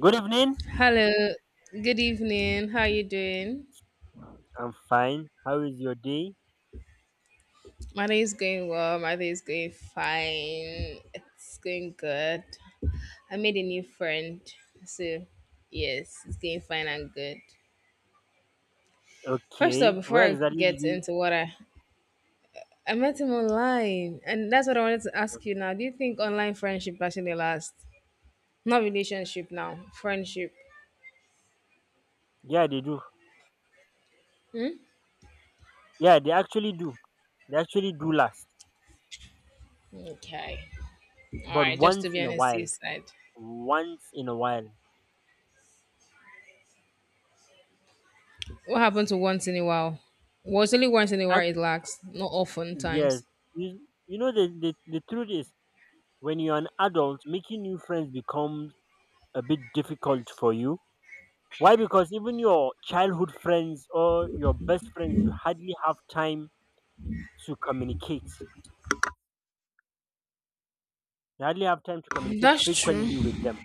Good evening. Hello, good evening. How are you doing? I'm fine. How is your day? My day is going well. My day is going fine. It's going good. I made a new friend. So, yes, it's going fine and good. First of Okay. all, before Where I exactly did get you? into what I met him online, and that's what I wanted to ask you now. Do you think online friendship actually lasts? Not relationship now, friendship. Yeah, they do. Yeah, they actually do. They actually do last, Okay. All but right, just once to be in on a the while. safe side. Once in a while. What happened to once in a while? Was only once in a while Act- it lacks, not often yes. times. You, you know the truth is when you're an adult, making new friends becomes a bit difficult for you. Why? Because even your childhood friends or your best friends, you hardly have time to communicate. You hardly have time to communicate That's true. frequently with them.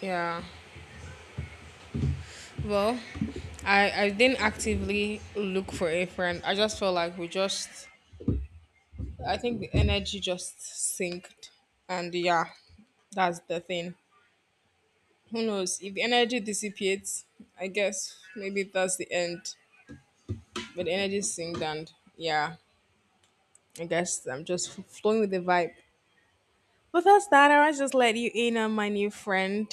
Yeah. Well, I didn't actively look for a friend. I just felt like we just, I think the energy just synced and yeah, that's the thing. Who knows? If the energy dissipates, I guess maybe that's the end. But the energy synced and yeah, I guess I'm just flowing with the vibe. But that's that. I was just let you in on my new friend,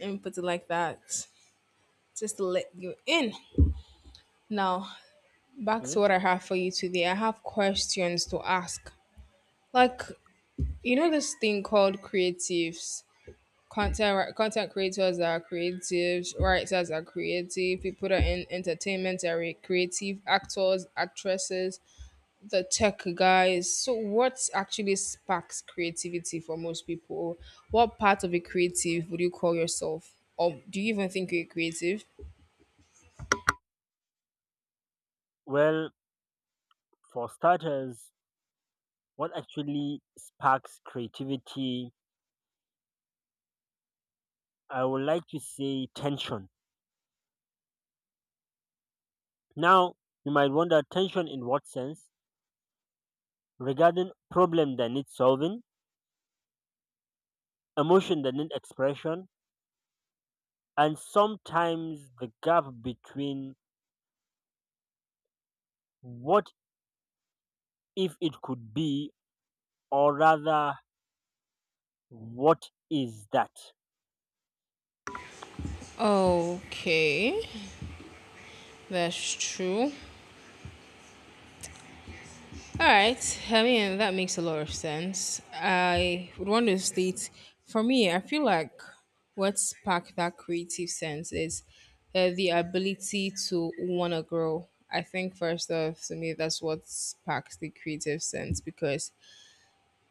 and put it like that just to let you in. Now, back Hmm? to what I have for you today. I have questions to ask. Like, you know, this thing called creatives, content creators are creatives, writers are creative, people that are in entertainment are creative, actors, actresses, the tech guys. So, what actually sparks creativity for most people? What part of a creative would you call yourself? Or do you even think you're creative? Well, for starters, what actually sparks creativity, I would like to say tension. Now, you might wonder tension in what sense? Regarding problem that needs solving, emotion that needs expression, and sometimes the gap between what if it could be, or rather, what is that? Okay, that's true. All right, I mean, that makes a lot of sense. I would want to state, for me, I feel like what sparked that creative sense is the ability to want to grow. I think, first off, to me, that's what sparks the creative sense because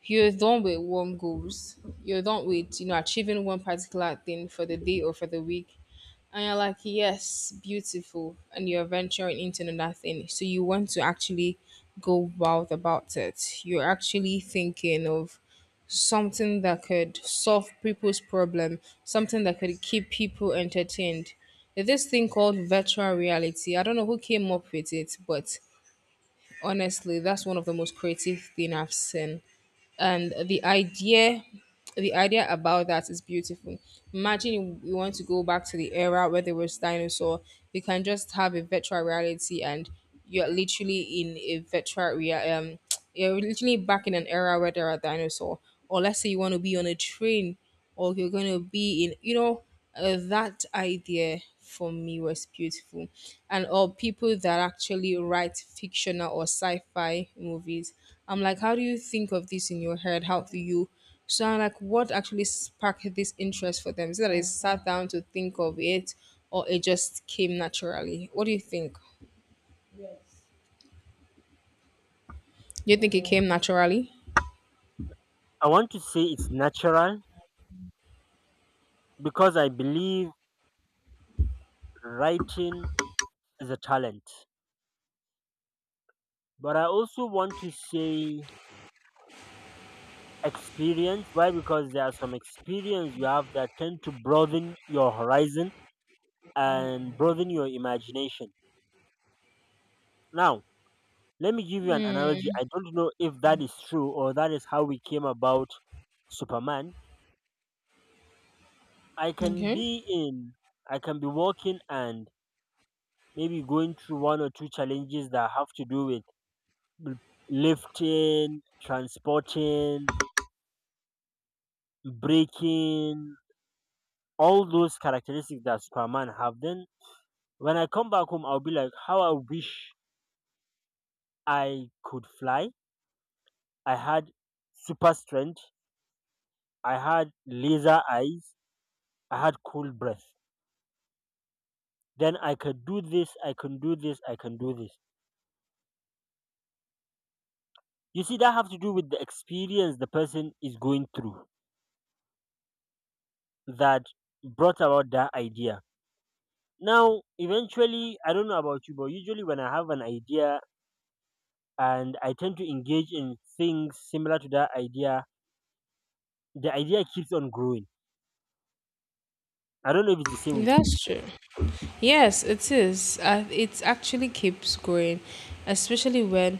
you're done with one goals. You're done with, you know, achieving one particular thing for the day or for the week, and you're like, yes, beautiful, and you're venturing into another thing. So you want to actually go wild about it. You're actually thinking of something that could solve people's problem, something that could keep people entertained. There's this thing called virtual reality. I don't know who came up with it, but honestly, that's one of the most creative thing I've seen, and the idea, the idea about that is beautiful. Imagine you want to go back to the era where there was dinosaur. You can just have a virtual reality, and you're literally in a virtual rea-, you're literally back in an era where there are dinosaur. Or let's say you want to be on a train, or you're going to be in, that idea for me was beautiful, and all people that actually write fictional or sci-fi movies. I'm like, how do you think of this in your head? How do you? So I'm like, what actually sparked this interest for them? Is it that they sat down to think of it or it just came naturally? What do you think? Do you think it came naturally? I want to say it's natural because I believe writing is a talent. But I also want to say experience why because there are some experience you have that tend to broaden your horizon and broaden your imagination now. Let me give you an analogy. I don't know if that is true or that is how we came about Superman. i can Okay, be in I can be walking and maybe going through one or two challenges that have to do with l- lifting, transporting, breaking, all those characteristics that Superman have. Then when I come back home, I'll be like, how I wish I could fly. I had super strength. I had laser eyes. I had cool breath. Then I could do this. I can do this. I can do this. You see, that have to do with the experience the person is going through that brought about that idea. Now, eventually, I don't know about you, but usually when I have an idea and I tend to engage in things similar to that idea, the idea keeps on growing. I don't know if it's the same with you. that's true. Yes, it is. It actually keeps growing, especially when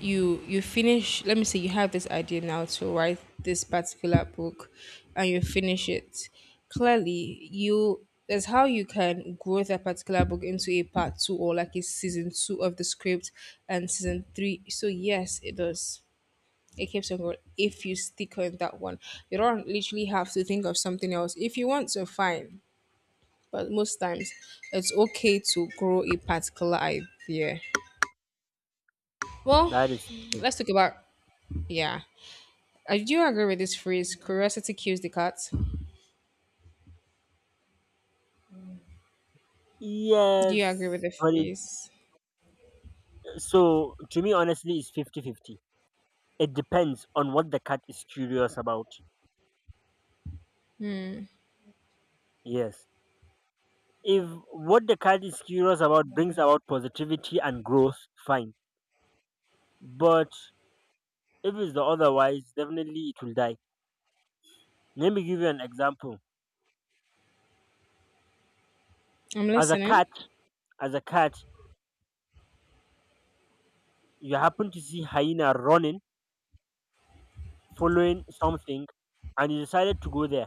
you finish. Let me say you have this idea now to write this particular book, and you finish it. Clearly, you that's how you can grow that particular book into a part two or like a season two of the script and season three. So yes, it does. It keeps on going if you stick on that one. You don't literally have to think of something else. If you want to, fine, but most times it's okay to grow a particular idea. Well, That is let's talk about, yeah. Do you agree with this phrase? Curiosity kills the cat. Do you agree with Yes, the but it, phrase? so to me, honestly, it's 50-50. It depends on what the cat is curious about. Yes. If what the cat is curious about brings about positivity and growth, fine. But if it's the otherwise, definitely it will die. Let me give you an example. I'm As a listening. cat, as a cat, you happen to see hyena running, following something, and you decided to go there.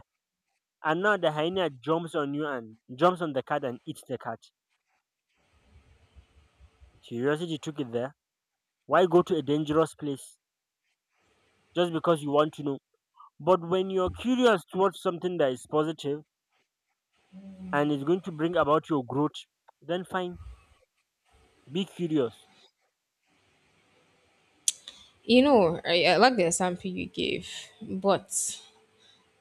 And now the hyena jumps on you and jumps on the cat and eats the cat. Curiosity took it there. Why go to a dangerous place just because you want to know? But when you're curious towards something that is positive and is going to bring about your growth, then fine, be curious. You know, I like the example you gave, but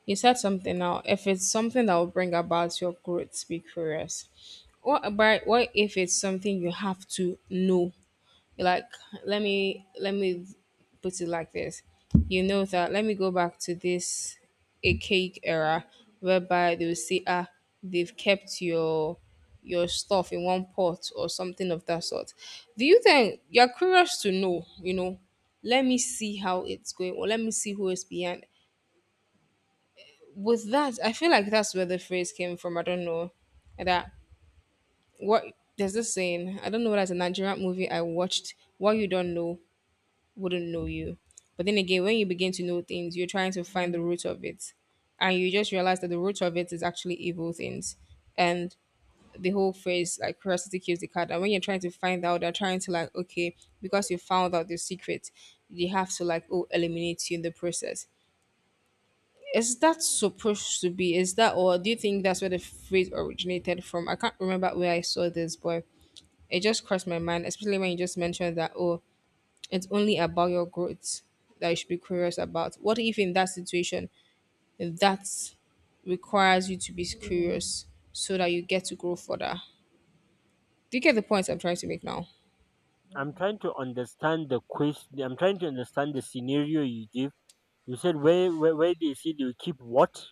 you said something now. If it's something that will bring about your growth, be curious. What about, what if it's something you have to know, like, let me put it like this. You know that, let me go back to this archaic era whereby they will say, ah, they've kept your stuff in one pot or something of that sort. Do you think you're curious to know, let me see how it's going or let me see who is behind? With that, I feel like that's where the phrase came from. I don't know. That, what, there's this saying. I don't know whether it's a Nigerian movie I watched. What you don't know wouldn't know you. But then again, when you begin to know things, you're trying to find the root of it. And you just realize that the root of it is actually evil things. And the whole phrase, like, curiosity kills the cat. And when you're trying to find out, they're trying to, like, okay, because you found out the secret, they have to, like, oh, eliminate you in the process. Is that supposed to be? Is that, or do you think that's where the phrase originated from? I can't remember where I saw this, but it just crossed my mind, especially when you just mentioned that, oh, it's only about your growth that you should be curious about. What if in that situation that requires you to be curious so that you get to grow further? Do you get the point I'm trying to make now? I'm trying to understand the quest. I'm trying to understand the scenario you give. You said where they say they will keep what?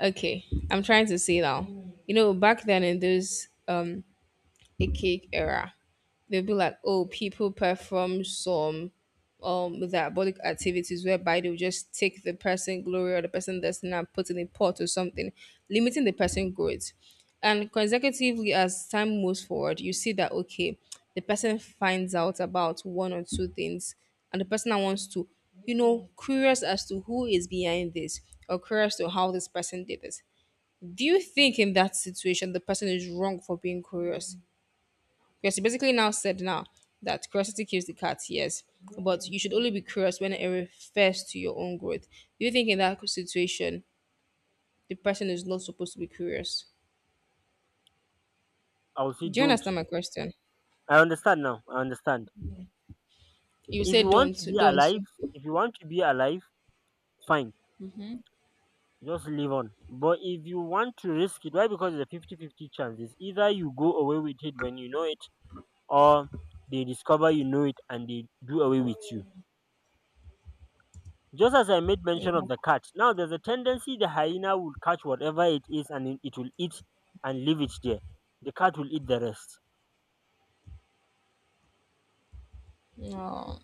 Okay, I'm trying to say now. You know, back then in those a cake era. They'll be like, oh, people perform some diabolic activities whereby they'll just take the person glory or the person destiny and put in a pot or something, limiting the person growth. And consecutively, as time moves forward, you see that, okay, the person finds out about one or two things, and the person that wants to, curious as to who is behind this or curious to how this person did this. Do you think in that situation the person is wrong for being curious? Because he basically now said now that curiosity kills the cat, yes, but you should only be curious when it refers to your own growth. Do you think in that situation the person is not supposed to be curious? I will say Do you don't. understand my question? I understand now. I understand. You If say you want don't, to be don't. Alive, fine. Just live on. But if you want to risk it, why? Because it's a 50 fifty chance. It's either you go away with it when you know it or they discover you know it and they do away with you. Just as I made Yeah. mention of the cat, now there's a tendency the hyena will catch whatever it is and it will eat and leave it there. The cat will eat the rest. No,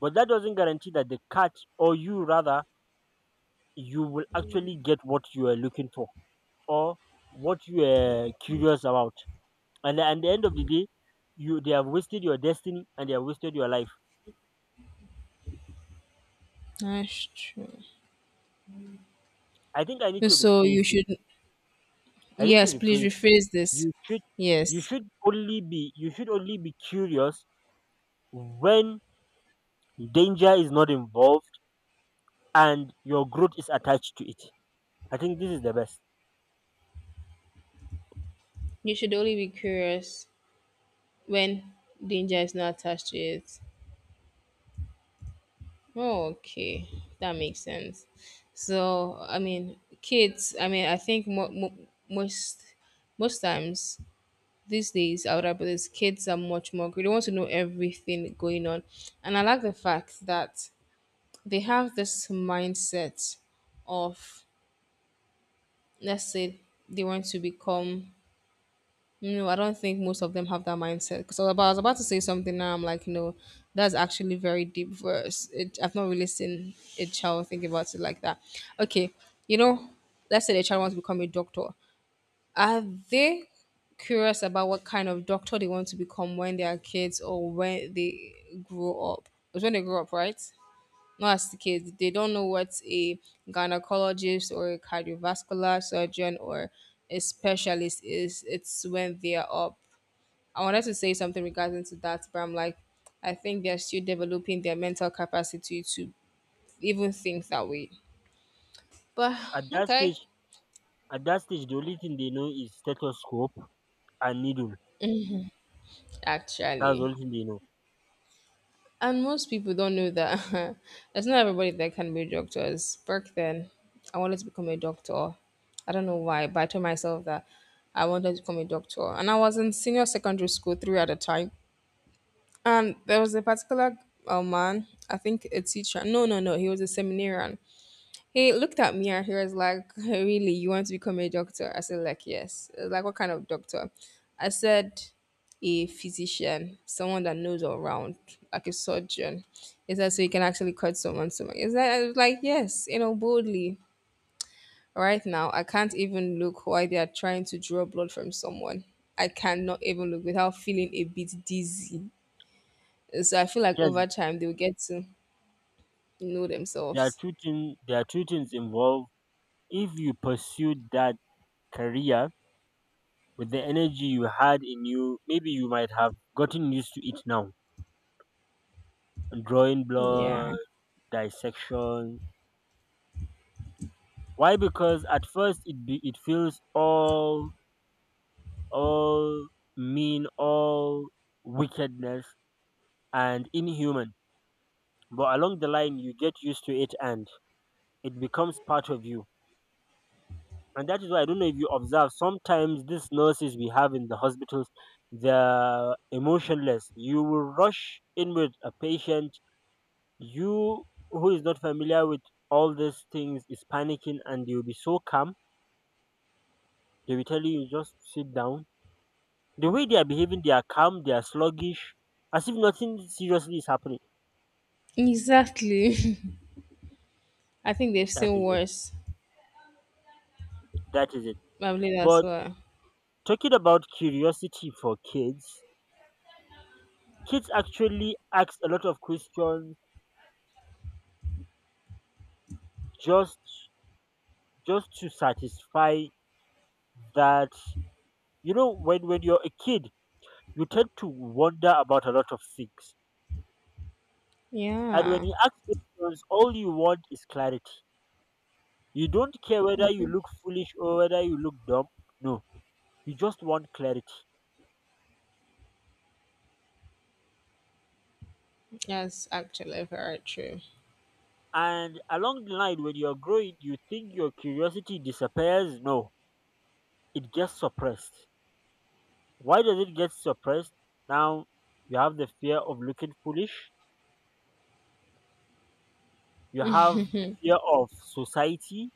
But that doesn't guarantee that the cat, or you rather, you will actually get what you are looking for or what you are curious about. And at the end of the day, you they have wasted your destiny and they have wasted your life. that's true. I think I need to So rephrase you this. should, I need to yes, please rephrase rephrase this. You should You Yes, should only be curious when danger is not involved and your growth is attached to it. I think this is the best. you should only be curious when danger is not attached to it. Oh, okay, that makes sense. So, I mean, kids, I mean, I think most times these days, our brothers, kids are much more, they want to know everything going on. And I like the fact that they have this mindset of, let's say, they want to become, no, I don't think most of them have that mindset. Because I was about to say something now. I'm like, no, that's actually very deep verse. It, I've not really seen a child think about it like that. Okay, you know, let's say the child wants to become a doctor. Are they curious about what kind of doctor they want to become when they are kids or when they grow up? It's when they grow up, right? Not as the kids. They don't know what a gynecologist or a cardiovascular surgeon or a specialist is. It's when they are up. I wanted to say something regarding to that, but I'm like, I think they're still developing their mental capacity to even think that way. But At that okay, stage at that stage the only thing they know is stethoscope and needle. That's the actually, only thing they know. and most people don't know that. It's not everybody that can be doctors. Back then, I wanted to become a doctor. I don't know why, but I told myself that I wanted to become a doctor, and I was in senior secondary school three at the time, and there was a particular man. I think a teacher. No, no, no. He was a seminarian. He looked at me and he was like, really, you want to become a doctor? I said, like, yes. He was like, what kind of doctor? I said, a physician, someone that knows all around, like a surgeon. He said, so you can actually cut someone stomach. Is that? I was like, yes, you know, boldly. Right now, I can't even look why they are trying to draw blood from someone. I cannot even look without feeling a bit dizzy. So I feel like Yes, over time they will get to know themselves. There are two things involved. If you pursued that career with the energy you had in you, maybe you might have gotten used to it now. Drawing Yeah. blood, dissection. Why? Because at first it feels all all wickedness and inhuman. But along the line, you get used to it and it becomes part of you. And that is why I don't know if you observe. Sometimes these nurses we have in the hospitals, they're emotionless. You will rush in with a patient. You who is not familiar with all these things is panicking, and they'll be so calm. They will tell you, you just sit down. The way they are behaving, they are calm, they are sluggish, as if nothing seriously is happening. Exactly. I think they've That seen is it. worse. That is it. Probably that's But why. talking about curiosity for kids, kids actually ask a lot of questions just just to satisfy that. You know, when you're a kid you tend to wonder about a lot of things, and when Yeah, you ask questions all you want is clarity. You don't care whether you look foolish or whether you look dumb. No, you just want clarity. that's actually very true. And along the line, when you're growing, you think your curiosity disappears. No, it gets suppressed. Why does it get suppressed? Now you have the fear of looking foolish, you have the fear of society,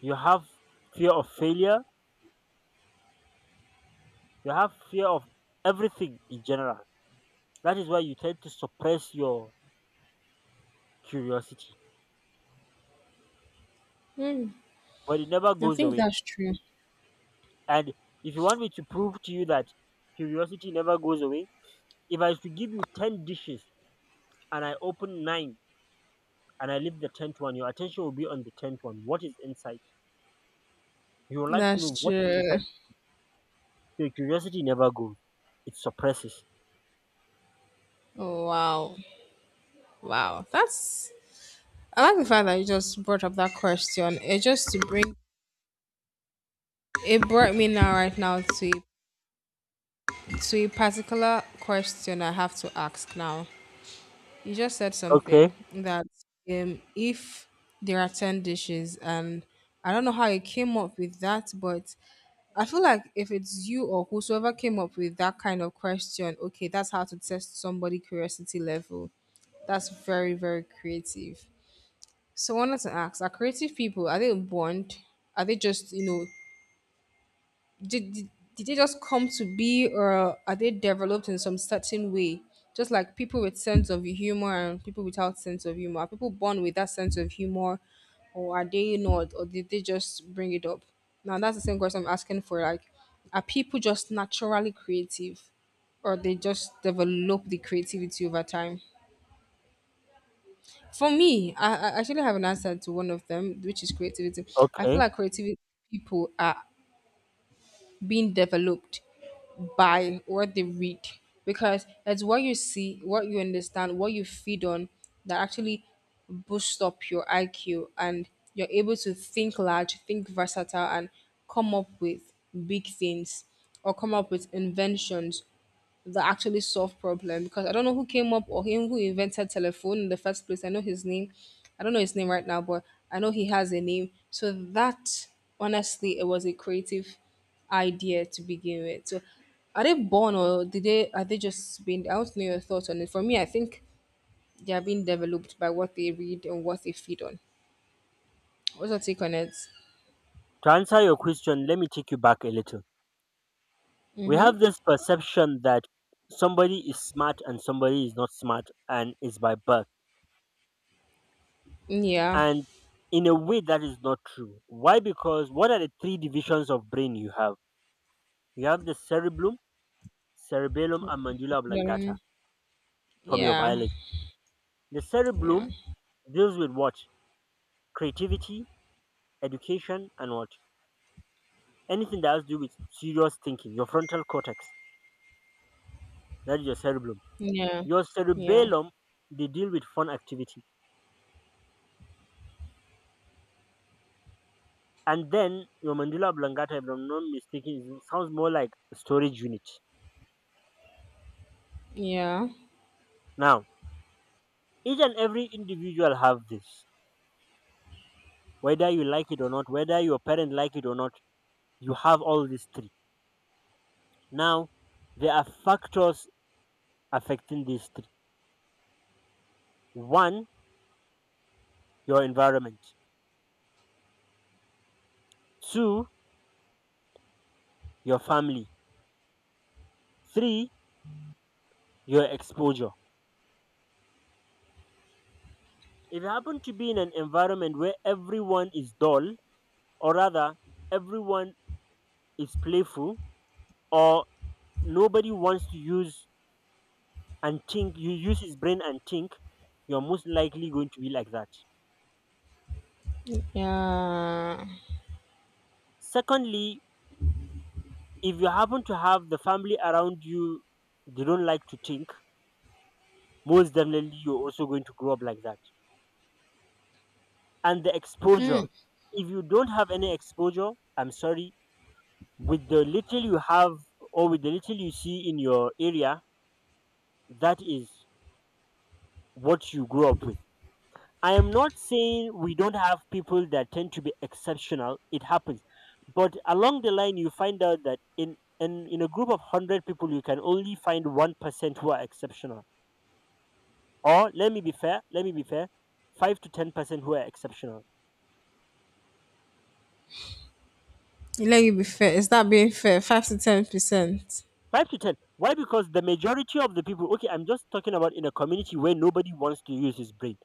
you have fear of failure, you have fear of everything in general. That is why you tend to suppress your curiosity, but it never I goes think away. that's true. And if you want me to prove to you that curiosity never goes away, if I was to give you 10 dishes and I open 9, and I leave the tenth one, your attention will be on the tenth one. What is inside? You would like to know That's what is true. inside. Your curiosity never goes. It suppresses. Oh, wow. Wow. That's. I like the fact that you just brought up that question. It just to bring. It brought me now, right now, to a-, to a particular question I have to ask now. You just said Okay, something that if there are ten dishes, and I don't know how you came up with that, but I feel like if it's you or whosoever came up with that kind of question, okay, that's how to test somebody' curiosity level. That's very, very creative. So I wanted to ask, are creative people, are they born? Are they just, did, did did they just come to be, or are they developed in some certain way, just like people with sense of humor and people without sense of humor? Are people born with that sense of humor, or are they not, or did they just bring it up? Now that's the same question I'm asking, for like, are people just naturally creative, or they just develop the creativity over time? For me, I actually have an answer to one of them, which is creativity. I feel okay. like creativity, people are being developed buy what they read, because it's what you see, what you understand, what you feed on, that actually boosts up your IQ, and you're able to think large, think versatile, and come up with big things, or come up with inventions that actually solve problem. Because I don't know who came up, or him who invented telephone in the first place. I know his name. I don't know his name right now, but I know he has a name. So that, honestly, it was a creative idea to begin with. So are they born, or did they, are they just being, I want to know your thoughts on it. For me, I think they are being developed by what they read and what they feed on. What's your take on it? To answer your question, let me take you back a little. We have this perception that somebody is smart and somebody is not smart and is by birth. Yeah. And in a way that is not true. Why? Because what are the three divisions of brain you have? You have the cerebellum and mandula oblongata Mm, from your yeah. biology. The Yeah. cerebellum deals with what? Creativity, education, and what? Anything that has to do with serious thinking, your frontal cortex, that is your cerebellum. Yeah. Your Yeah. cerebellum, they deal with fun activity. And then your mandula oblongata, if I'm not mistaken, is- sounds more like a storage unit. Yeah. Now, each and every individual have this, whether you like it or not, whether your parents like it or not, you have all these three. Now, there are factors affecting these three. One, your environment. Two, your family. Three, your exposure. If you happen to be in an environment where everyone is dull, or rather, everyone is playful, or nobody wants to use and think, you use his brain and think, you're most likely going to be like that. Yeah. Secondly, if you happen to have the family around you, they don't like to think, most definitely you're also going to grow up like that. And the exposure, Hmm. if you don't have any exposure, I'm sorry, with the little you have or with the little you see in your area, that is what you grew up with. I am not saying we don't have people that tend to be exceptional. It happens. But along the line, you find out that in a group of 100 people, you can only find 1% who are exceptional. Or, let me be fair, 5 to 10% who are exceptional. Let you be fair. Is that being fair? 5 to 10%. Five to ten, why? Because the majority of the people, okay, I'm just talking about in a community where nobody wants to use his brain,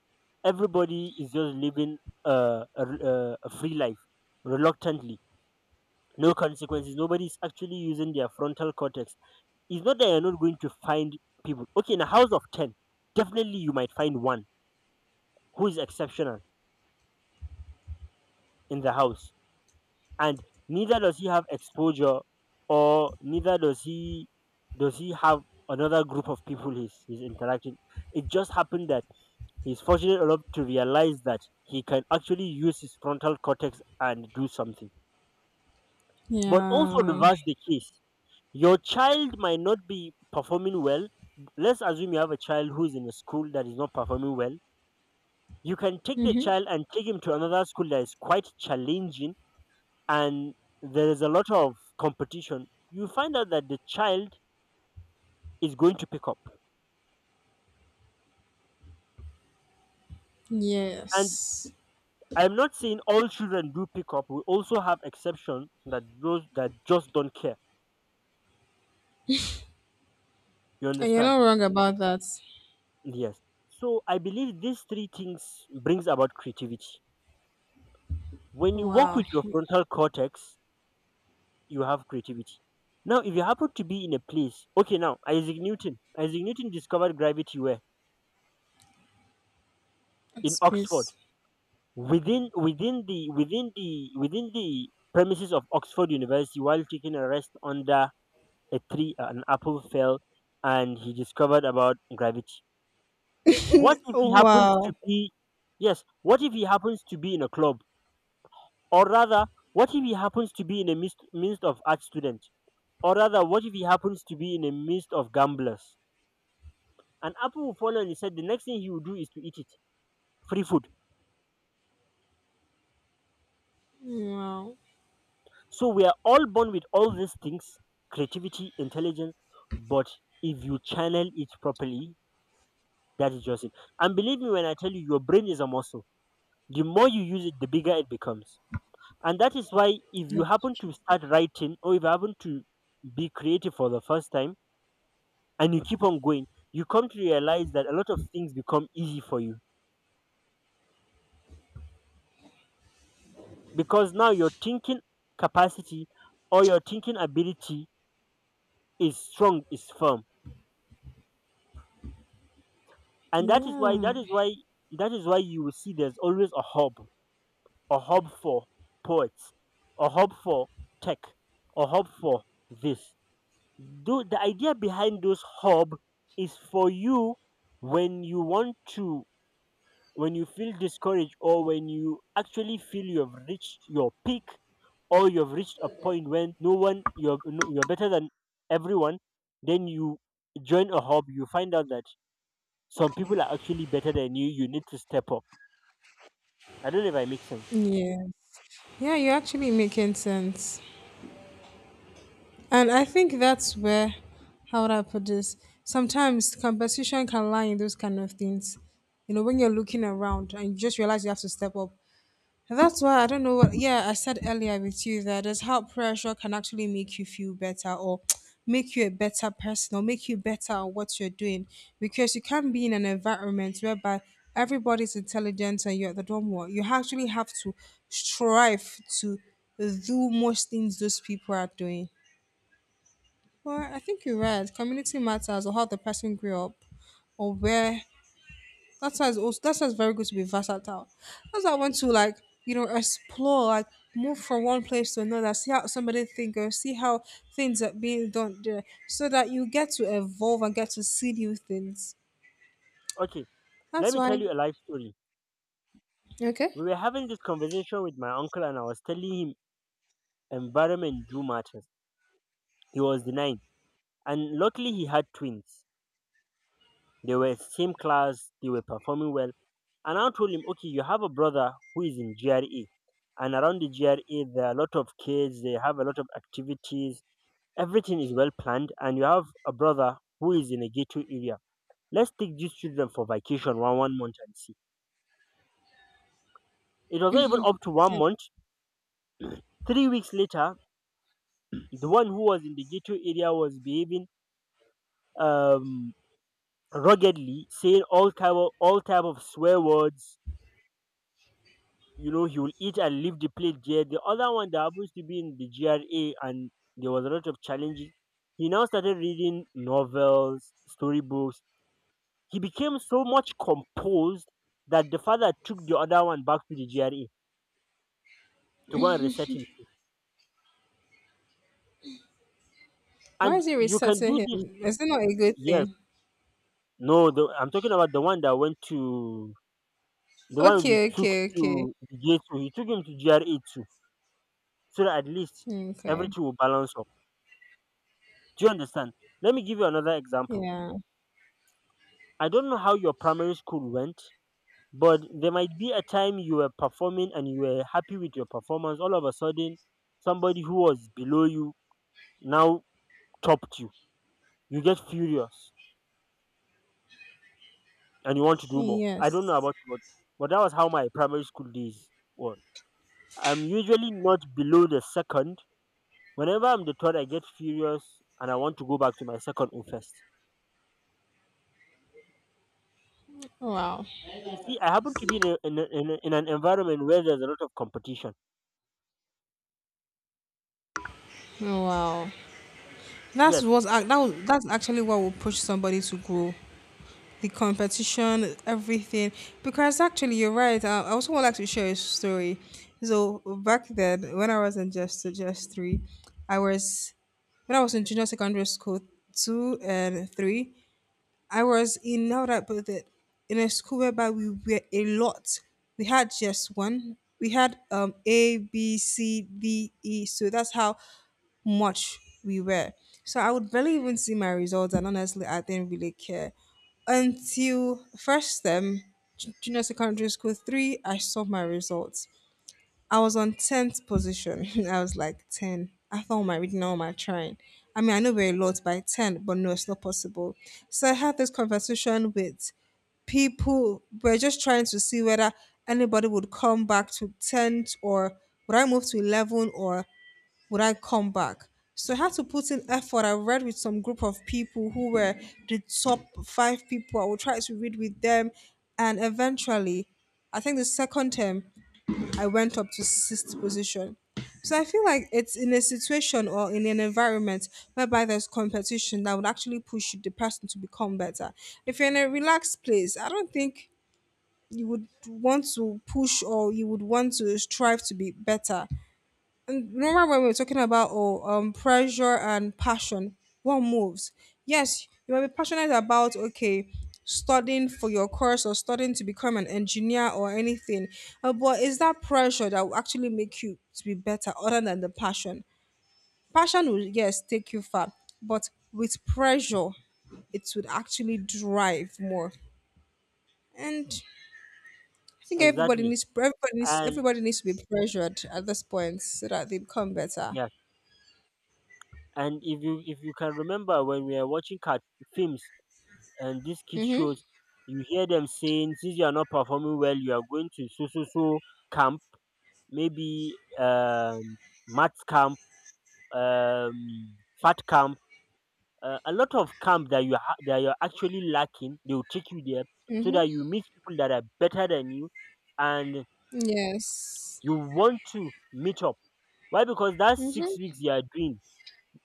everybody is just living a free life reluctantly, no consequences. Nobody is actually using their frontal cortex. It's not that you're not going to find people. Okay, in a house of 10, definitely you might find one who is exceptional in the house, and neither does he have exposure or neither does he have another group of people he's interacting. It just happened that he's fortunate enough to realize that he can actually use his frontal cortex and do something. But also Yeah. reverse the case, your child might not be performing well. Let's assume you have a child who's in a school that is not performing well. You can take the child and take him to another school that is quite challenging, and there is a lot of competition, you find out that the child is going to pick up. And Yes. I'm not saying all children do pick up. We also have exceptions, that those that just don't care. You And you're understand? not wrong about that. Yes. So I believe these three things brings about creativity. When you work Wow. with your frontal cortex, you have creativity. Now, if you happen to be in a place, okay, now Isaac Newton discovered gravity where in Oxford Space. within the premises of Oxford University while taking a rest under a tree an apple fell and he discovered about gravity. What if Oh, he happens to wow. be, yes, what if he happens to be in a club, or rather what if he happens to be in a midst of art students, or rather what if he happens to be in a midst of gamblers? An apple will fall and he said the next thing he will do is to eat it. Free food. Wow. So we are all born with all these things: creativity, intelligence, but if you channel it properly, that is just it. And believe me when I tell you, your brain is a muscle. The more you use it, the bigger it becomes. And that is why if Yeah. you happen to start writing or if you happen to be creative for the first time and you keep on going, you come to realize that a lot of things become easy for you, because now your thinking capacity or your thinking ability is strong, is firm. And that is why that Yeah. is why that is why you will see there's always a hub, a hub for poets, a hub for tech, a hub for this. Though the idea behind those hub is for you, when you want to, when you feel discouraged or when you actually feel you have reached your peak, or you have reached a point when no one you're no- you're better than everyone, then you join a hub, you find out that some people are actually better than you. You need to step up. I don't know if I make sense. Yeah. Yeah, you're actually making sense. And I think that's where, how would I put this? Sometimes competition can lie in those kind of things. When you're looking around and you just realize you have to step up. That's why I don't know what. Yeah, I said earlier with you that there's how pressure can actually make you feel better, or make you a better person, or make you better at what you're doing, because you can't be in an environment whereby everybody's intelligent and you're the dumb one. You actually have to strive to do most things those people are doing. Well, I think you're right. Community matters, or how the person grew up, or where. That sounds also, that sounds very good to be versatile. That's why I want to, like, explore, like, move from one place to another, see how somebody think or see how things are being done there, so that you get to evolve and get to see new things. Okay, That's let me why. tell you a life story. Okay. We were having this conversation with my uncle, and I was telling him environment do matters. He was denying, and luckily he had twins. They were same class. They were performing well, and I told him, okay, you have a brother who is in GRE, and around the GRE there are a lot of kids. They have a lot of activities. Everything is well planned, and you have a brother who is in a ghetto area. Let's take these children for vacation one month and see. It was not even up to one Yeah. month. 3 weeks later, the one who was in the ghetto area was behaving um ruggedly, saying all type of swear words. You know, he will eat and leave the plate there. The other one that happens to be in the GRA, and there was a lot of challenges, he now started reading novels, storybooks. He became so much composed that the father took the other one back to the GRA to go and reset him. Why And is he you can resetting do him? this. Is it not a good Yes. thing? No, I'm talking about the one that went to the one we Okay. took Okay. Okay. to the J2. He took him to GRA too, so that at least Okay. everything will balance up. Do you understand? Let me give you another example. Yeah. I don't know how your primary school went, but there might be a time you were performing and you were happy with your performance. All of a sudden, somebody who was below you now topped you. You get furious and you want to do more. I don't know Yes. about you, but that was how my primary school days were. I'm usually not below the second. Whenever I'm the third, I get furious and I want to go back to my second or first. Oh, wow. So you see, I happen to be in an environment where there's a lot of competition. Oh, wow. That's Yes, what that was, that's actually what will push somebody to grow. The competition, everything. Because actually, you're right. I also would like to share a story. So back then, when I was in just three, I was when I was in junior secondary school two and three. I was in now that but the- In a school whereby we were a lot. We had just one. We had A B C D E. So that's how much we were. So I would barely even see my results, and honestly, I didn't really care until first term, junior secondary school three. I saw my results. I was on 10th position. I was like 10. I thought, am I reading? Now am I trying? I mean, I know we're a lot by 10, but no, it's not possible. So I had this conversation with people. We're just trying to see whether anybody would come back to 10th, or would I move to 11, or would I come back? So I had to put in effort. I read with some group of people who were the top five people. I would try to read with them. And eventually, I think the second term, I went up to sixth position. So I feel like it's in a situation or in an environment whereby there's competition that would actually push the person to become better. If you're in a relaxed place, I don't think you would want to push or you would want to strive to be better. And remember when we were talking about oh, pressure and passion, what moves? Yes, you might be passionate about, okay, studying for your course, or studying to become an engineer, or anything, but is that pressure that will actually make you to be better other than the passion? Passion will yes take you far, but with pressure, it would actually drive more. And I think everybody exactly. needs everybody needs And everybody needs to be pressured at this point so that they become better. yeah, and if you can remember when we are watching cat films and these kids Mm-hmm. shows, you hear them saying, since you are not performing well, you are going to so so so camp, maybe maths camp, um, fat camp, a lot of camp that you're actually lacking, they will take you there so Mm-hmm. that you meet people that are better than you, and Yes. you want to meet up. Why? Because that Mm-hmm. 6 weeks you are doing,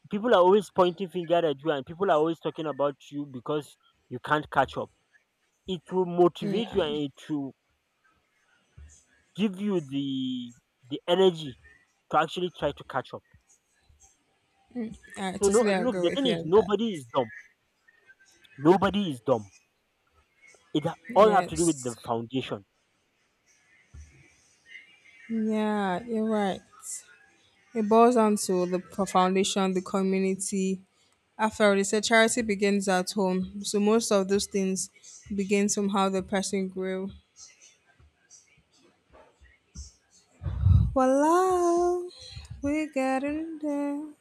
people are always pointing finger at you and people are always talking about you because you can't catch up. It will Yeah, motivate you and it will give you the energy to actually try to catch up. I So no, totally look, the agree with thing you is on that. nobody is dumb, nobody is dumb, all have to do with the Yes. foundation. Yeah, you're right. It boils down to the foundation, the community. After all, they said charity begins at home. So most of those things begin from how the person grew. Voila, we're getting there.